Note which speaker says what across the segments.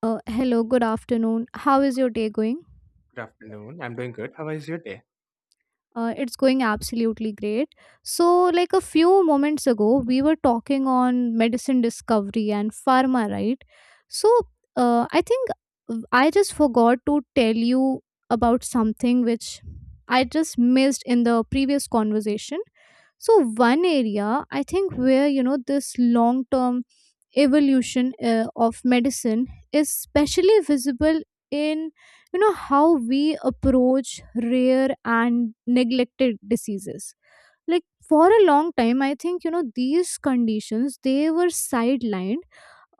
Speaker 1: Hello, good afternoon. How is your day going?
Speaker 2: Good afternoon. I'm doing good. How was your day?
Speaker 1: It's going absolutely great. So, like a few moments ago, we were talking on medicine discovery and pharma, right? So, I think I just forgot to tell you about something which I just missed in the previous conversation. So, one area I think where you know this long term evolution of medicine is especially visible in you know how we approach rare and neglected diseases like for a long time I think you know these conditions they were sidelined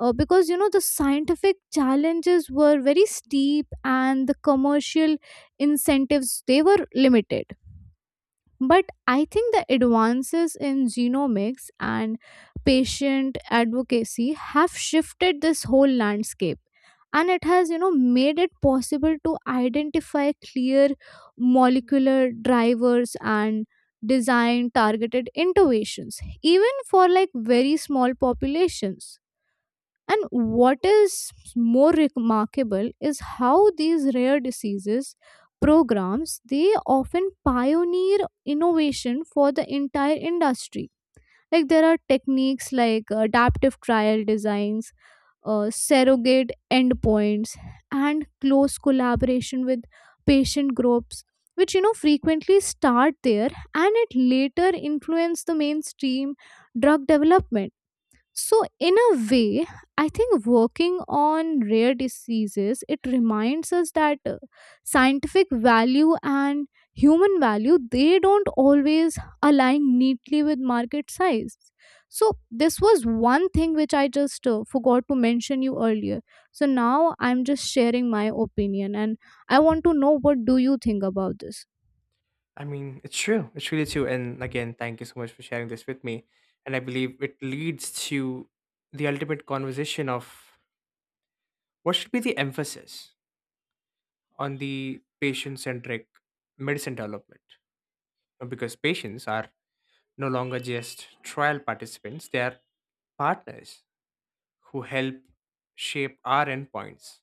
Speaker 1: because you know the scientific challenges were very steep and the commercial incentives they were limited, but I think the advances in genomics and patient advocacy have shifted this whole landscape and it has you know made it possible to identify clear molecular drivers and design targeted interventions even for like very small populations. And what is more remarkable is how these rare diseases programs they often pioneer innovation for the entire industry. Like there are techniques like adaptive trial designs, surrogate endpoints, and close collaboration with patient groups, which you know frequently start there and it later influence the mainstream drug development. So, in a way, I think working on rare diseases it reminds us that scientific value and human value they don't always align neatly with market size. So, this was one thing which I just forgot to mention you earlier. So now I'm just sharing my opinion, and I want to know what do you think about this.
Speaker 2: I mean, it's true. It's really true. And again, thank you so much for sharing this with me. And I believe it leads to the ultimate conversation of what should be the emphasis on the patient centric medicine development. Because patients are no longer just trial participants, they are partners who help shape our endpoints,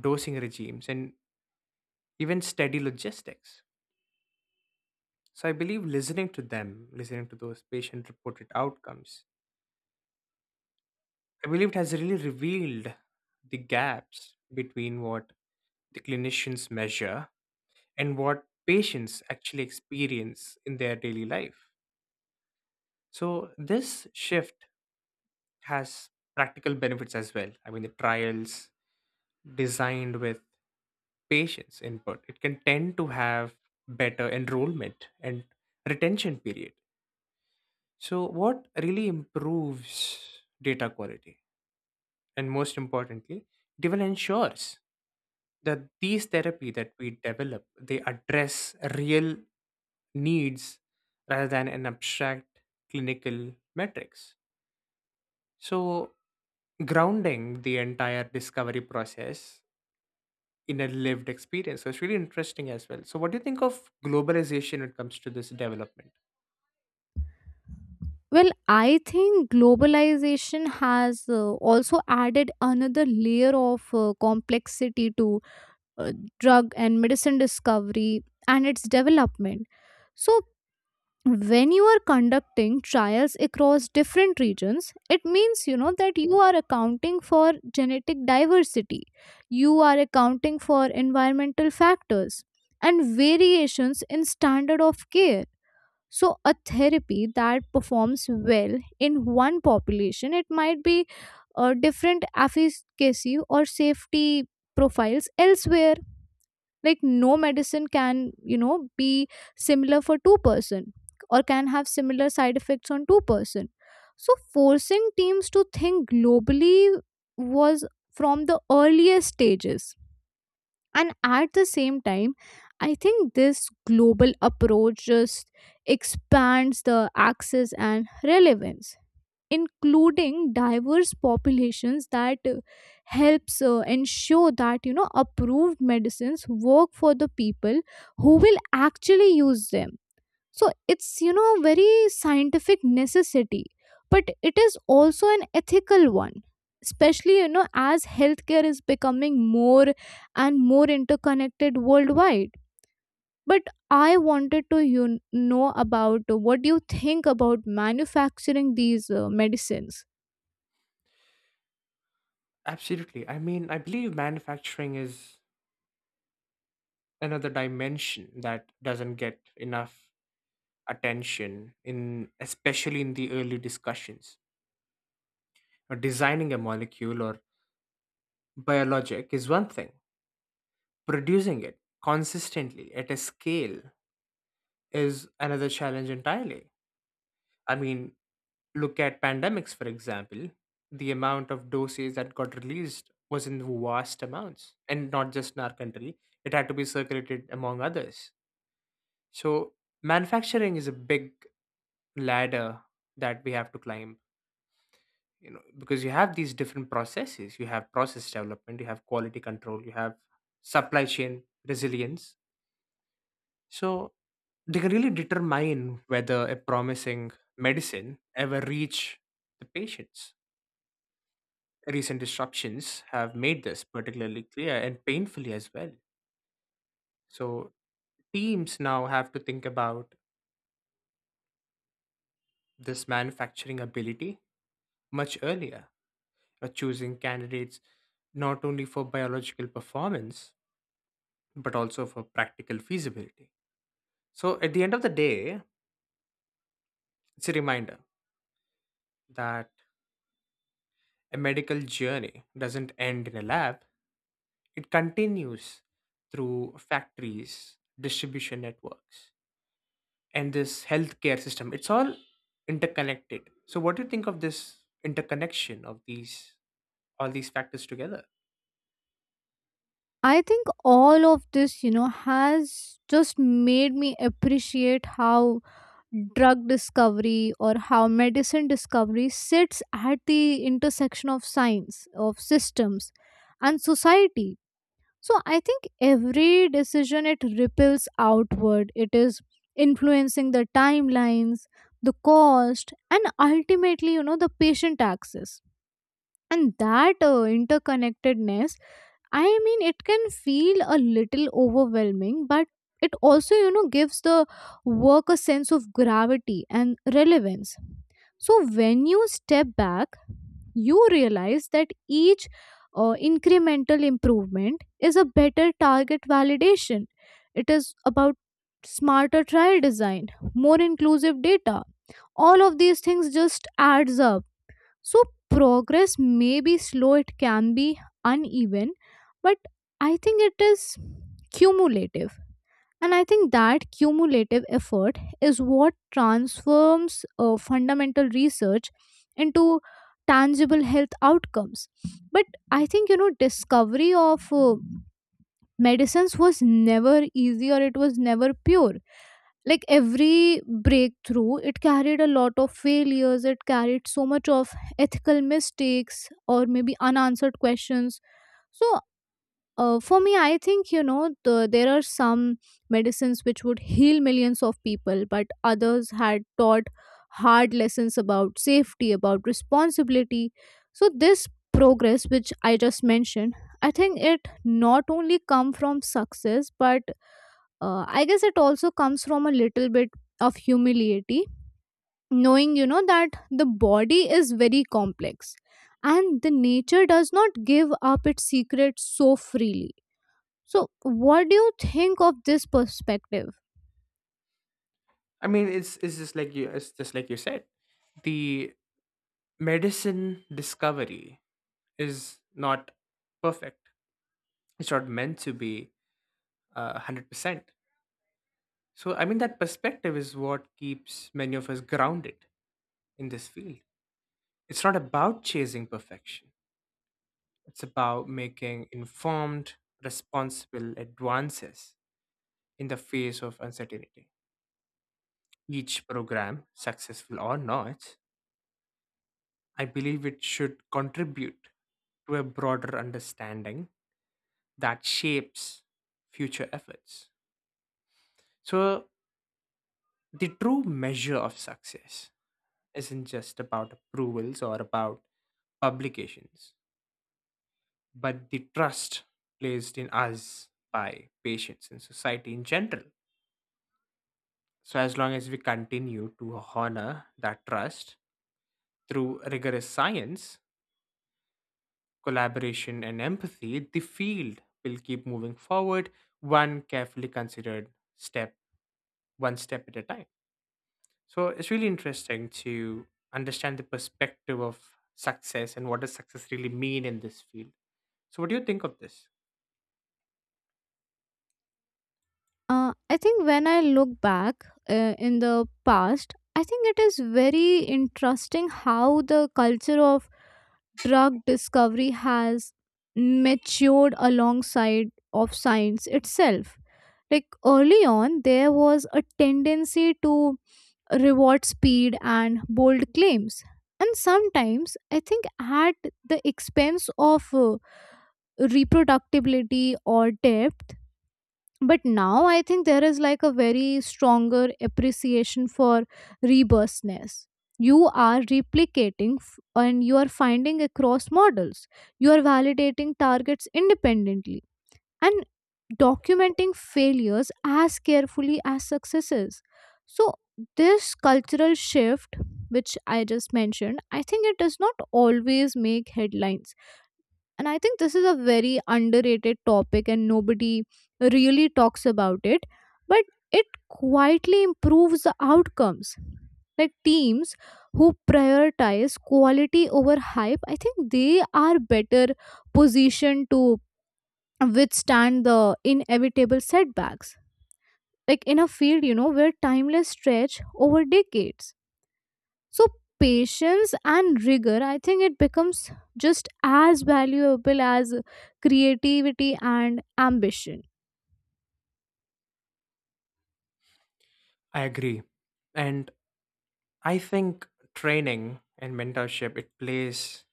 Speaker 2: dosing regimes, and even steady logistics. So I believe listening to them, listening to those patient reported outcomes, I believe it has really revealed the gaps between what the clinicians measure and what patients actually experience in their daily life. So this shift has practical benefits as well. I mean, the trials designed with patients input, it can tend to have better enrollment and retention period. So what really improves data quality? And most importantly, it even ensures that these therapy that we develop they address real needs rather than an abstract clinical metrics. So grounding the entire discovery process in a lived experience. So it's really interesting as well. So what do you think of globalization when it comes to this development?
Speaker 1: Well, I think globalization has also added another layer of complexity to uh, drug and medicine discovery and its development. So, when you are conducting trials across different regions, it means you know that you are accounting for genetic diversity, you are accounting for environmental factors, and variations in standard of care. So, a therapy that performs well in one population, it might be a different efficacy or safety profiles elsewhere. Like, no medicine can, you know, be similar for two person or can have similar side effects on two person. So, forcing teams to think globally was from the earliest stages, and at the same time, I think this global approach just expands the access and relevance, including diverse populations that helps ensure that you know approved medicines work for the people who will actually use them. So it's, you know, very scientific necessity, but it is also an ethical one. Especially, you know, as healthcare is becoming more and more interconnected worldwide. But I wanted to you know about what do you think about manufacturing these medicines.
Speaker 2: Absolutely. I mean, I believe manufacturing is another dimension that doesn't get enough attention in especially in the early discussions. Designing a molecule or biologic is one thing. Producing it consistently at a scale is another challenge entirely. I mean, look at pandemics for example. The amount of doses that got released was in vast amounts, and not just in our country, it had to be circulated among others. So manufacturing is a big ladder that we have to climb. You know, because you have these different processes, you have process development, you have quality control, you have supply chain resilience. So they can really determine whether a promising medicine ever reach the patients. Recent disruptions have made this particularly clear and painfully as well. So teams now have to think about this manufacturing ability much earlier, choosing candidates not only for biological performance but also for practical feasibility. So, at the end of the day, it's a reminder that a medical journey doesn't end in a lab, it continues through factories, distribution networks, and this healthcare system. It's all interconnected. So, what do you think of this interconnection of these all these factors together?
Speaker 1: I think all of this, you know, has just made me appreciate how drug discovery or how medicine discovery sits at the intersection of science, of systems, and society. So I think every decision it ripples outward. It is influencing the timelines, the cost, and ultimately, you know, the patient access and that interconnectedness. I mean it can feel a little overwhelming, but it also you know gives the work a sense of gravity and relevance. So when you step back you realize that each incremental improvement is a better target validation. It is about smarter trial design, more inclusive data. All of these things just adds up. So, progress may be slow, it can be uneven, but I think it is cumulative. And I think that cumulative effort is what transforms fundamental research into tangible health outcomes. But I think, you know, discovery of medicines was never easy or it was never pure. Like every breakthrough it carried a lot of failures, it carried so much of ethical mistakes or maybe unanswered questions. So for me I think you know there are some medicines which would heal millions of people but others had taught hard lessons about safety, about responsibility. So this progress which I just mentioned, I think it not only come from success but I guess it also comes from a little bit of humility, knowing you know that the body is very complex and the nature does not give up its secrets so freely. So what do you think of this perspective?
Speaker 2: I mean, it's just like you said. The medicine discovery is not perfect. It's not meant to be 100%. So I mean that perspective is what keeps many of us grounded in this field. It's not about chasing perfection. It's about making informed, responsible advances in the face of uncertainty. Each program, successful or not, I believe it should contribute to a broader understanding that shapes future efforts. So, the true measure of success isn't just about approvals or about publications, but the trust placed in us by patients and society in general. So, as long as we continue to honor that trust through rigorous science, collaboration, and empathy, the field will keep moving forward, one carefully considered step, one step at a time. So it's really interesting to understand the perspective of success and what does success really mean in this field. So what do you think of this?
Speaker 1: I think when I look back in the past, I think it is very interesting how the culture of drug discovery has matured alongside of science itself. Like early on there was a tendency to reward speed and bold claims, and sometimes I think at the expense of reproductibility or depth. But now I think there is like a very stronger appreciation for rebirthness. You are replicating and you are finding across models, you are validating targets independently, and documenting failures as carefully as successes. So this cultural shift which I just mentioned, I think it does not always make headlines, and I think this is a very underrated topic and nobody really talks about it. But it quietly improves the outcomes. Like teams who prioritize quality over hype, I think they are better positioned to withstand the inevitable setbacks, like in a field you know where timeless stretch over decades. So patience and rigor, I think it becomes just as valuable as creativity and ambition.
Speaker 2: I agree. And I think training and mentorship it plays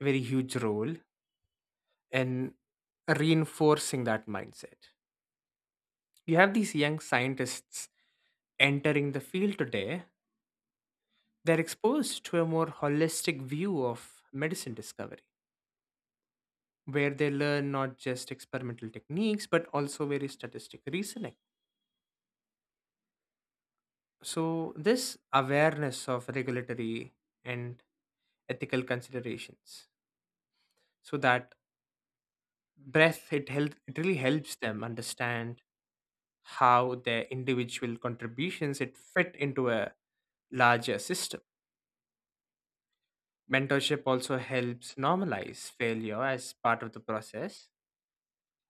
Speaker 2: a very huge role in reinforcing that mindset. You have these young scientists entering the field today, they're exposed to a more holistic view of medicine discovery where they learn not just experimental techniques but also very statistical reasoning. So, this awareness of regulatory and ethical considerations, so that breath it really helps them understand how their individual contributions it fit into a larger system. Mentorship also helps normalize failure as part of the process,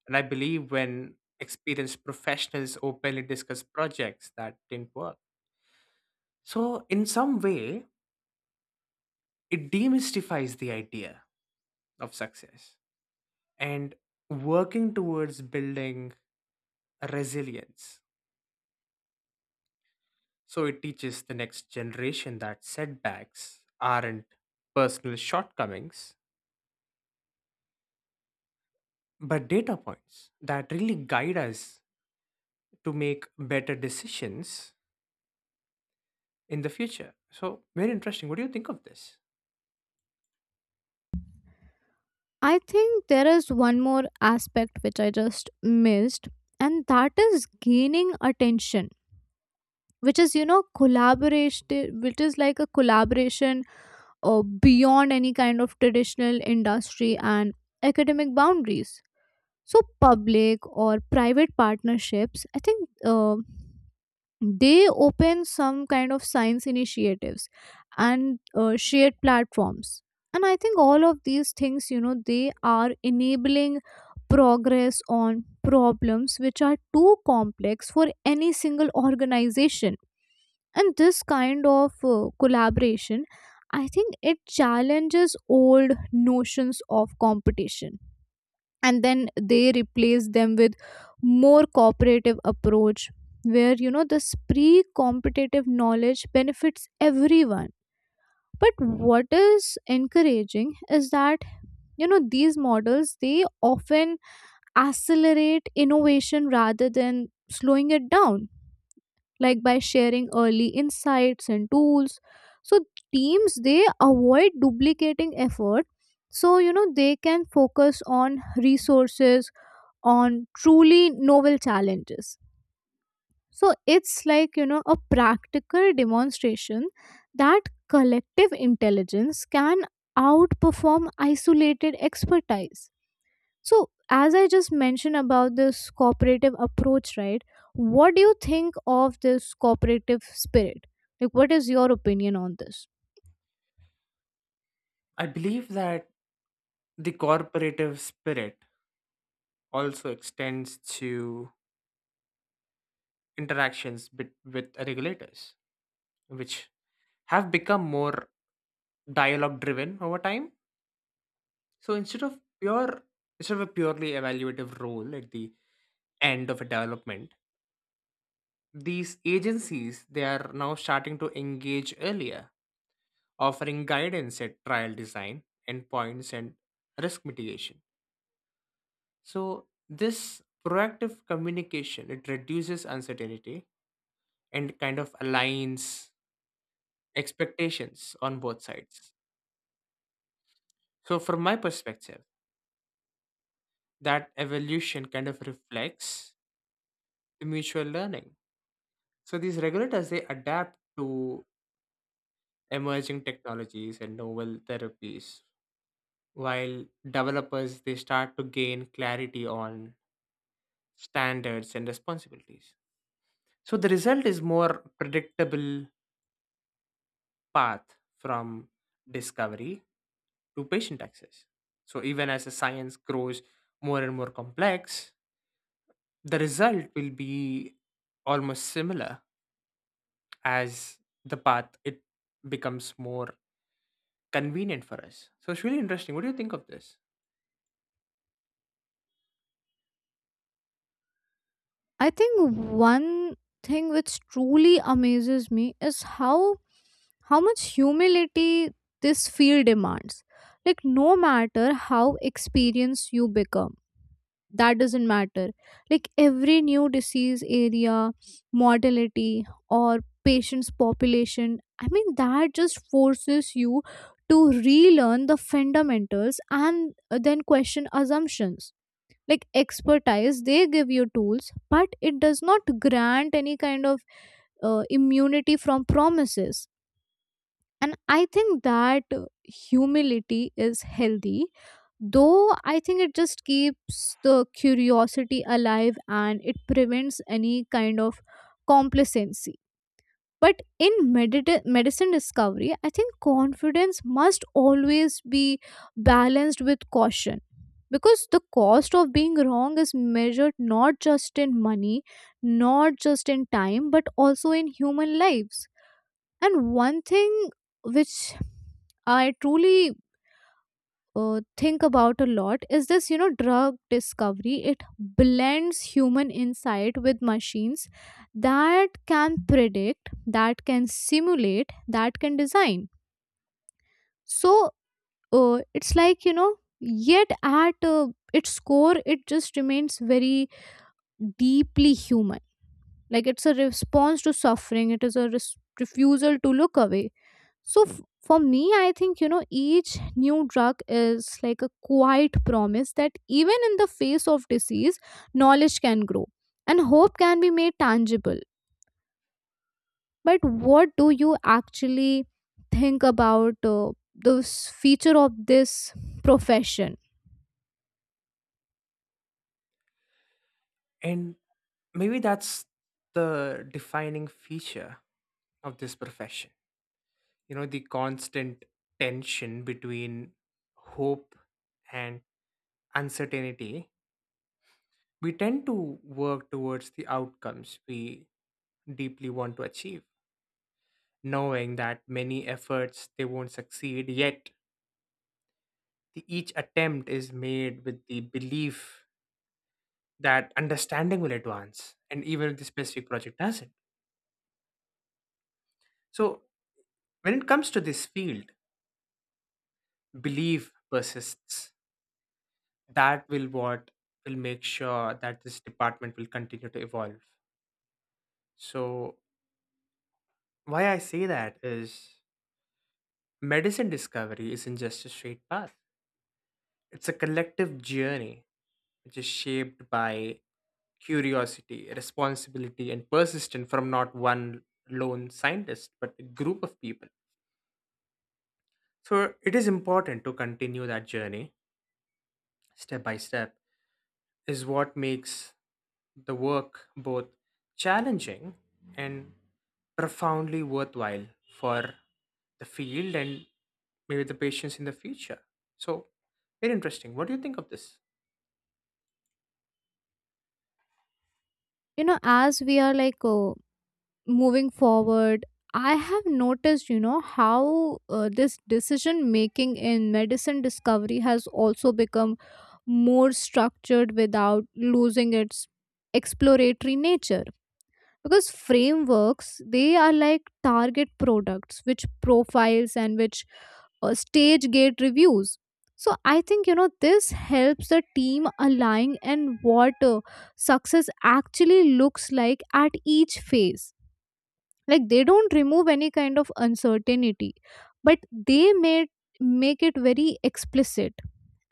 Speaker 2: and I believe when experienced professionals openly discuss projects that didn't work. So, in some way, it demystifies the idea of success and working towards building resilience. So, it teaches the next generation that setbacks aren't personal shortcomings, but data points that really guide us to make better decisions in the future. So, very interesting. What do you think of this?
Speaker 1: I think there is one more aspect which I just missed, and that is gaining attention, which is you know collaboration, which is like a collaboration beyond any kind of traditional industry and academic boundaries. So public or private partnerships, I think. They open some kind of science initiatives and shared platforms, and I think all of these things you know they are enabling progress on problems which are too complex for any single organization. And this kind of collaboration, I think it challenges old notions of competition, and then they replace them with more cooperative approach where you know this pre-competitive knowledge benefits everyone. But what is encouraging is that you know these models they often accelerate innovation rather than slowing it down. Like by sharing early insights and tools, so teams they avoid duplicating effort, so you know they can focus on resources on truly novel challenges. So it's like, you know, a practical demonstration that collective intelligence can outperform isolated expertise. So, as I just mentioned about this cooperative approach, right? What do you think of this cooperative spirit? Like, what is your opinion on this?
Speaker 2: I believe that the corporative spirit also extends to interactions bit with regulators, which have become more dialogue driven over time. So instead of a purely evaluative role at the end of a development, these agencies they are now starting to engage earlier, offering guidance at trial design, endpoints and risk mitigation. So this proactive communication it reduces uncertainty and kind of aligns expectations on both sides. So, from my perspective, that evolution kind of reflects the mutual learning. So, these regulators they adapt to emerging technologies and novel therapies, while developers they start to gain clarity on standards and responsibilities. So, the result is more predictable path from discovery to patient access. So, even as the science grows more and more complex, the result will be almost similar as the path it becomes more convenient for us. So it's really interesting. What do you think of this?
Speaker 1: I think one thing which truly amazes me is how much humility this field demands. Like, no matter how experienced you become, that doesn't matter. Like, every new disease area, mortality, or patient's population, I mean, that just forces you to relearn the fundamentals and then question assumptions. Like, expertise, they give you tools, but it does not grant any kind of immunity from promises. And I think that humility is healthy, though I think it just keeps the curiosity alive and it prevents any kind of complacency. But in medicine discovery, I think confidence must always be balanced with caution because the cost of being wrong is measured not just in money, not just in time, but also in human lives. And one thing which I truly think about a lot is this, you know, drug discovery. It blends human insight with machines that can predict, that can simulate, that can design. So it's like, you know, yet at its core, it just remains very deeply human. Like it's a response to suffering, it is a refusal to look away. So for me, I think you know each new drug is like a quiet promise that even in the face of disease, knowledge can grow and hope can be made tangible. But what do you actually think about this feature of this profession?
Speaker 2: And maybe that's the defining feature of this profession, you know, the constant tension between hope and uncertainty. We tend to work towards the outcomes we deeply want to achieve, knowing that many efforts they won't succeed, yet each attempt is made with the belief that understanding will advance, and even if the specific project doesn't. So, when it comes to this field, belief persists. That will What will make sure that this department will continue to evolve. So, why I say that is medicine discovery isn't just a straight path. It's a collective journey which is shaped by curiosity, responsibility, and persistence from not one lone scientist, but a group of people. So it is important to continue that journey step by step, is what makes the work both challenging and profoundly worthwhile for the field and maybe the patients in the future. So, very interesting. What do you think of this?
Speaker 1: You know as we are like moving forward, I have noticed you know how this decision making in medicine discovery has also become more structured without losing its exploratory nature, because frameworks they are like target products which profiles and which stage gate reviews. So I think you know this helps the team align and what success actually looks like at each phase. Like they don't remove any kind of uncertainty, but they may make it very explicit,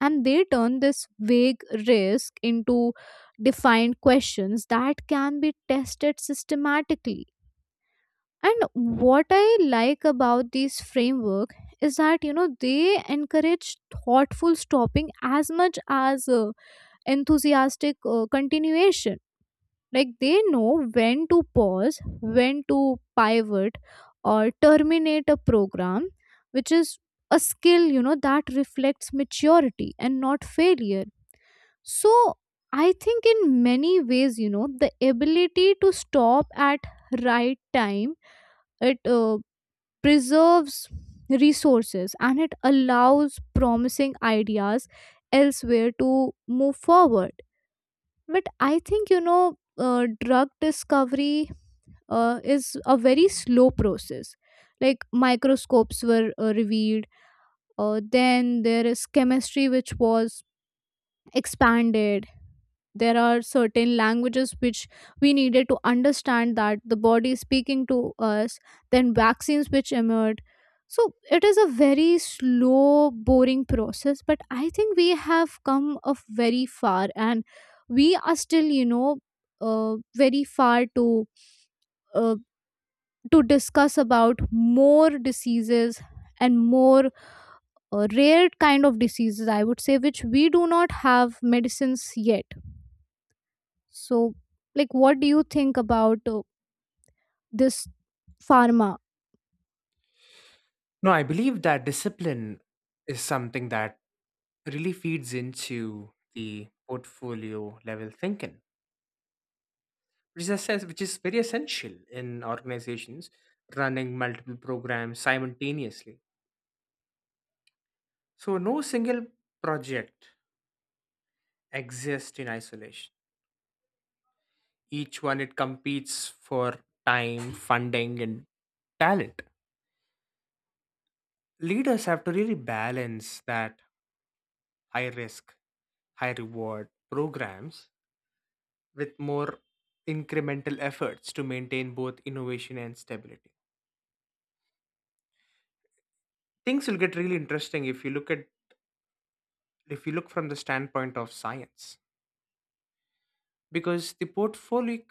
Speaker 1: and they turn this vague risk into defined questions that can be tested systematically. And what I like about these framework is that you know they encourage thoughtful stopping as much as enthusiastic continuation. Like they know when to pause, when to pivot, or terminate a program, which is a skill you know that reflects maturity and not failure. So I think in many ways you know the ability to stop at right time it preserves resources and it allows promising ideas elsewhere to move forward. But I think, you know, drug discovery is a very slow process. Like microscopes were revealed, then there is chemistry which was expanded, there are certain languages which we needed to understand that the body is speaking to us, then vaccines which emerged. So it is a very slow boring process, but I think we have come a very far, and we are still you know very far to uh, to discuss about more diseases and more rare kind of diseases I would say which we do not have medicines yet. So, like, what do you think about this pharma?
Speaker 2: No, I believe that discipline is something that really feeds into the portfolio level thinking, which is very essential in organizations running multiple programs simultaneously. So, no single project exists in isolation. Each one it competes for time, funding, and talent. Leaders have to really balance that high risk, high reward programs with more incremental efforts to maintain both innovation and stability. Things will get really interesting if you look from the standpoint of science, because the portfolio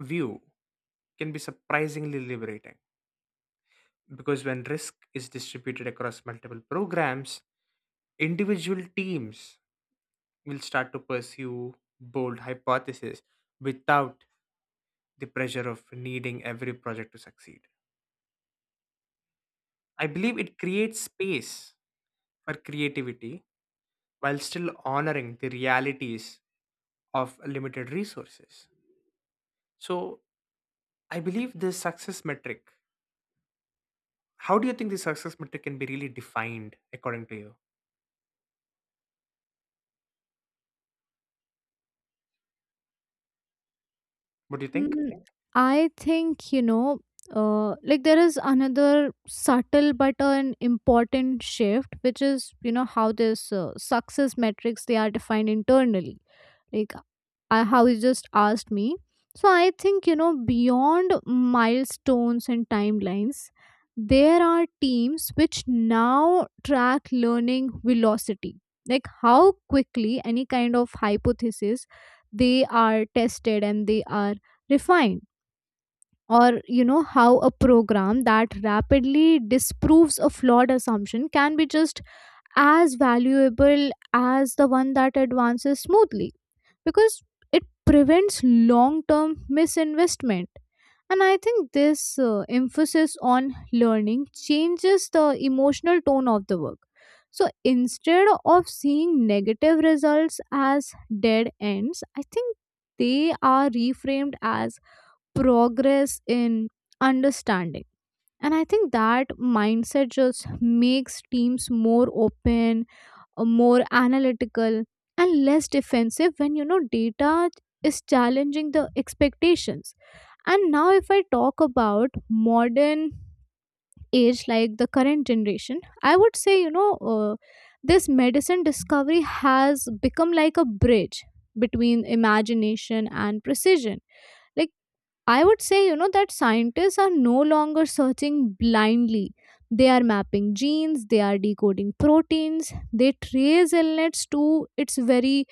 Speaker 2: view can be surprisingly liberating, because when risk is distributed across multiple programs, individual teams will start to pursue bold hypotheses without the pressure of needing every project to succeed. I believe it creates space for creativity while still honoring the realities of limited resources. So I believe the success metric. How do you think the success metric can be really defined according to you? What do you think?
Speaker 1: Mm, I think, you know, like there is another subtle but an important shift, which is, you know, how this success metrics they are defined internally. Like I, how you just asked me. So I think, you know, beyond milestones and timelines, there are teams which now track learning velocity, like how quickly any kind of hypothesis they are tested and they are refine, or you know how a program that rapidly disproves a flawed assumption can be just as valuable as the one that advances smoothly because it prevents long term misinvestment. And I think this emphasis on learning changes the emotional tone of the work. So instead of seeing negative results as dead ends, I think they are reframed as progress in understanding. And I think that mindset just makes teams more open, more analytical, and less defensive when you know data is challenging the expectations. And now, if I talk about modern age, like the current generation, I would say, you know, this medicine discovery has become like a bridge between imagination and precision. Like I would say, you know, that scientists are no longer searching blindly. They are mapping genes, they are decoding proteins, they trace illness to its very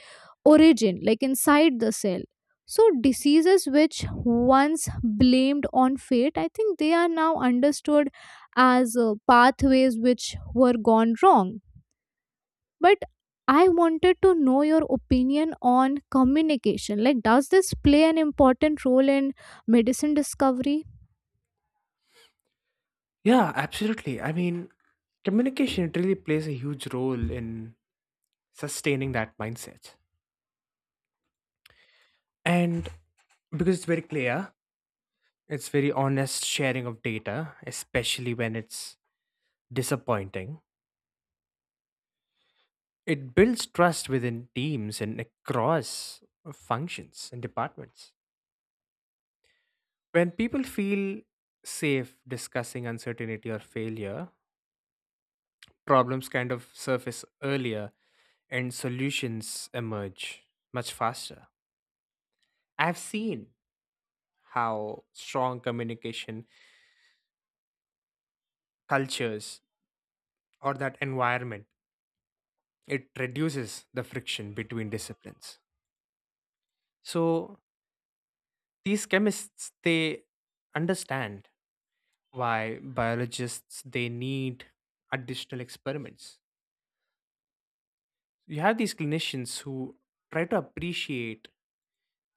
Speaker 1: origin, like inside the cell. So, diseases which once blamed on fate, I think they are now understood as pathways which were gone wrong. But I wanted to know your opinion on communication, like does this play an important role in medicine discovery?
Speaker 2: Yeah, absolutely. I mean, communication it really plays a huge role in sustaining that mindset. And because it's very clear, it's very honest sharing of data, especially when it's disappointing. It builds trust within teams and across functions and departments. When people feel safe discussing uncertainty or failure, problems kind of surface earlier and solutions emerge much faster. I've seen how strong communication cultures or that environment it reduces the friction between disciplines. So these chemists they understand why biologists they need additional experiments. You have these clinicians who try to appreciate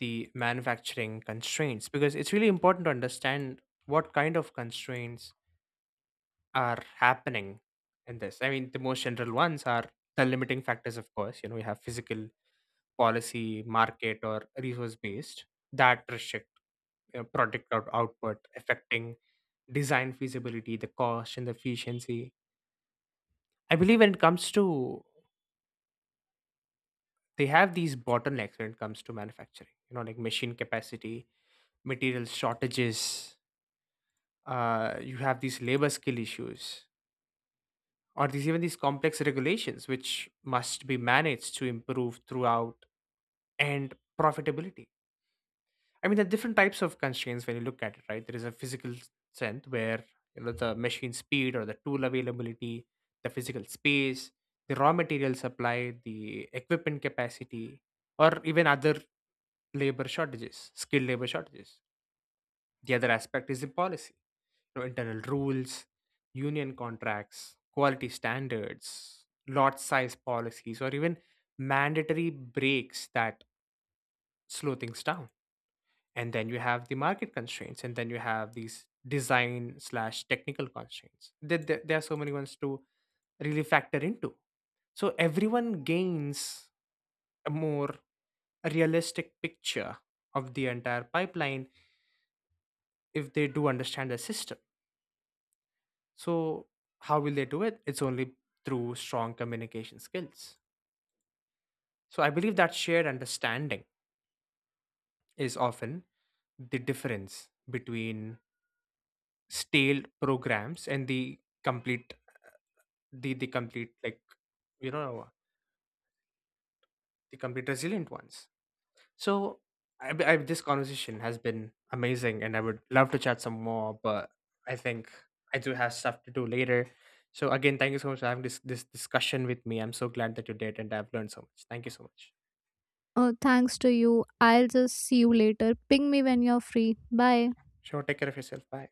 Speaker 2: the manufacturing constraints because it's really important to understand what kind of constraints are happening in this. I mean, the most general ones are the limiting factors, of course. You know, we have physical, policy, market, or resource based that restrict, you know, product output, affecting design feasibility, the cost, and the efficiency. I believe when it comes to they have these bottlenecks when it comes to manufacturing, you know, like machine capacity, material shortages, you have these labor skill issues or these even these complex regulations which must be managed to improve throughout and profitability. I mean there are different types of constraints when you look at it, right? There is a physical sense where, you know, the machine speed or the tool availability, the physical space, the raw material supply, the equipment capacity, or even other labor shortages, skilled labor shortages. The other aspect is the policy, you know, internal rules, union contracts, quality standards, lot size policies, or even mandatory breaks that slow things down. And then you have the market constraints, and then you have these design slash technical constraints. There are so many ones to really factor into. So everyone gains a more realistic picture of the entire pipeline if they do understand the system. So, how will they do it? It's only through strong communication skills. So, I believe that shared understanding is often the difference between stale programs and complete, the complete, like, you know, the complete resilient ones. So, this conversation has been amazing and I would love to chat some more, but I think I do have stuff to do later. So, again, thank you so much for having this, discussion with me. I'm so glad that you did and I've learned so much. Thank you so much.
Speaker 1: Thanks to you. I'll just see you later. Ping me when you're free. Bye.
Speaker 2: Sure, take care of yourself. Bye.